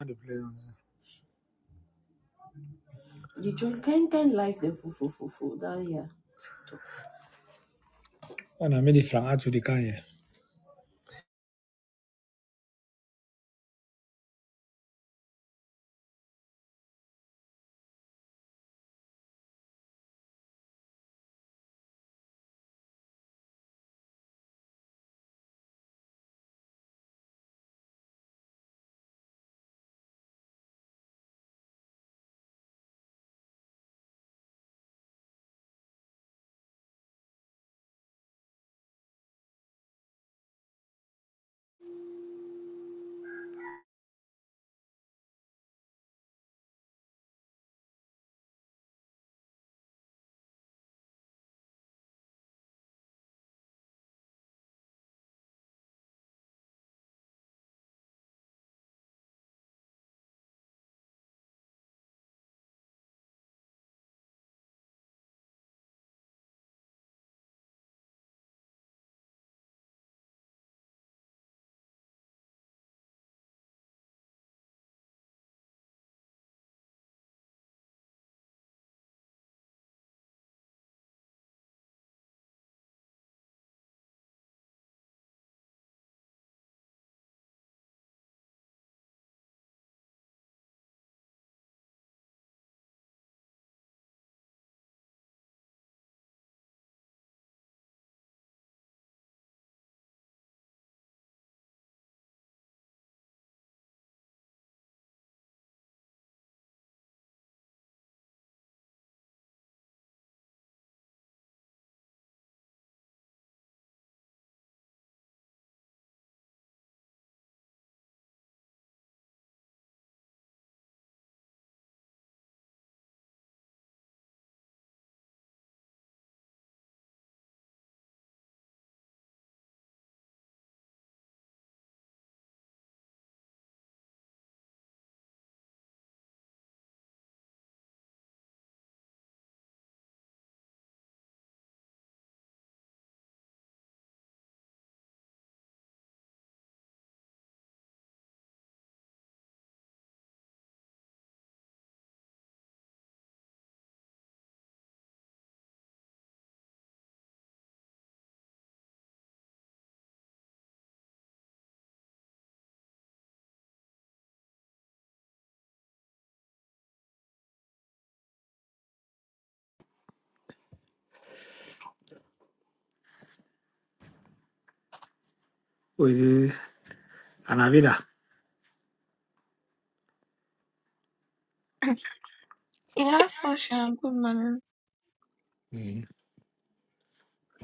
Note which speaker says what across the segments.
Speaker 1: How to play on there. You kind kind life the full full full full that yeah. And I made it from out to the can here. Oh, is it Anavida?
Speaker 2: Yeah, Fashion, and good morning.
Speaker 1: Mm.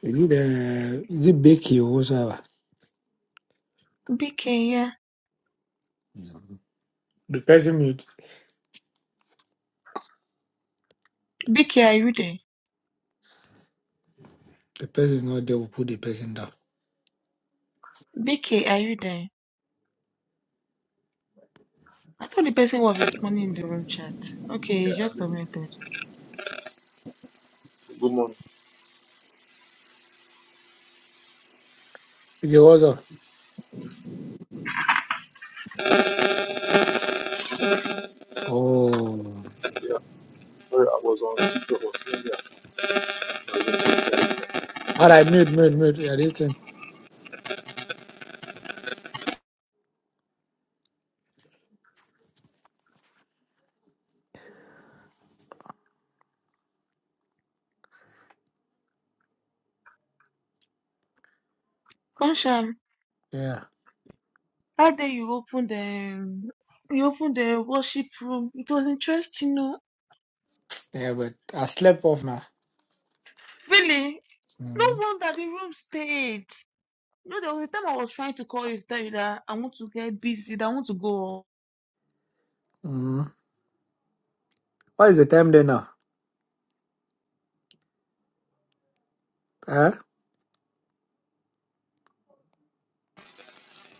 Speaker 1: Is it the is it Becky or whatever?
Speaker 2: BK, yeah.
Speaker 1: Mm. The person mute.
Speaker 2: BK, are you there?
Speaker 1: The person is not there will put the person down.
Speaker 2: BK, are you there? I thought the person was responding in the room chat. Okay, you just submitted.
Speaker 3: Good morning.
Speaker 1: Is it up? Oh.
Speaker 3: Yeah, sorry, I was on TikTok on Friday.
Speaker 1: All right, mute, mute, mute. Yeah, this thing.
Speaker 2: Fashion,
Speaker 1: Yeah.
Speaker 2: how dare you open the you open the worship room? It was interesting, no?
Speaker 1: Yeah, but I slept off now.
Speaker 2: Really? No
Speaker 1: Mm.
Speaker 2: wonder the room stayed. You know, there was a time I was trying to call you, tell you that I want to get busy, that I want to go
Speaker 1: Mm. What is the time there now? Huh?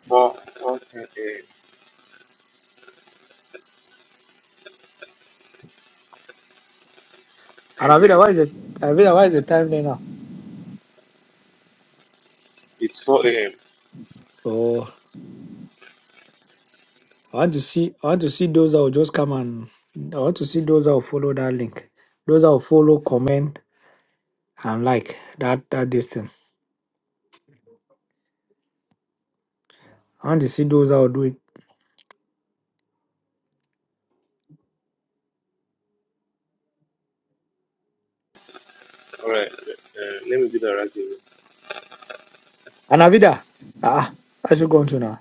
Speaker 3: 4, four ten a.m. Hey,
Speaker 1: Anavida,
Speaker 3: hey.
Speaker 1: what is the Anavida, what is the time there now?
Speaker 3: It's 4 a.m.
Speaker 1: Oh. I want to see. I want to see those that will just come and. I want to see those that will follow that link. Those that will follow, comment, and like that that this thing. I want to see those that will do it.
Speaker 3: All right, uh, let me do that right away.
Speaker 1: And Avida, ah, ah, I should go on to now.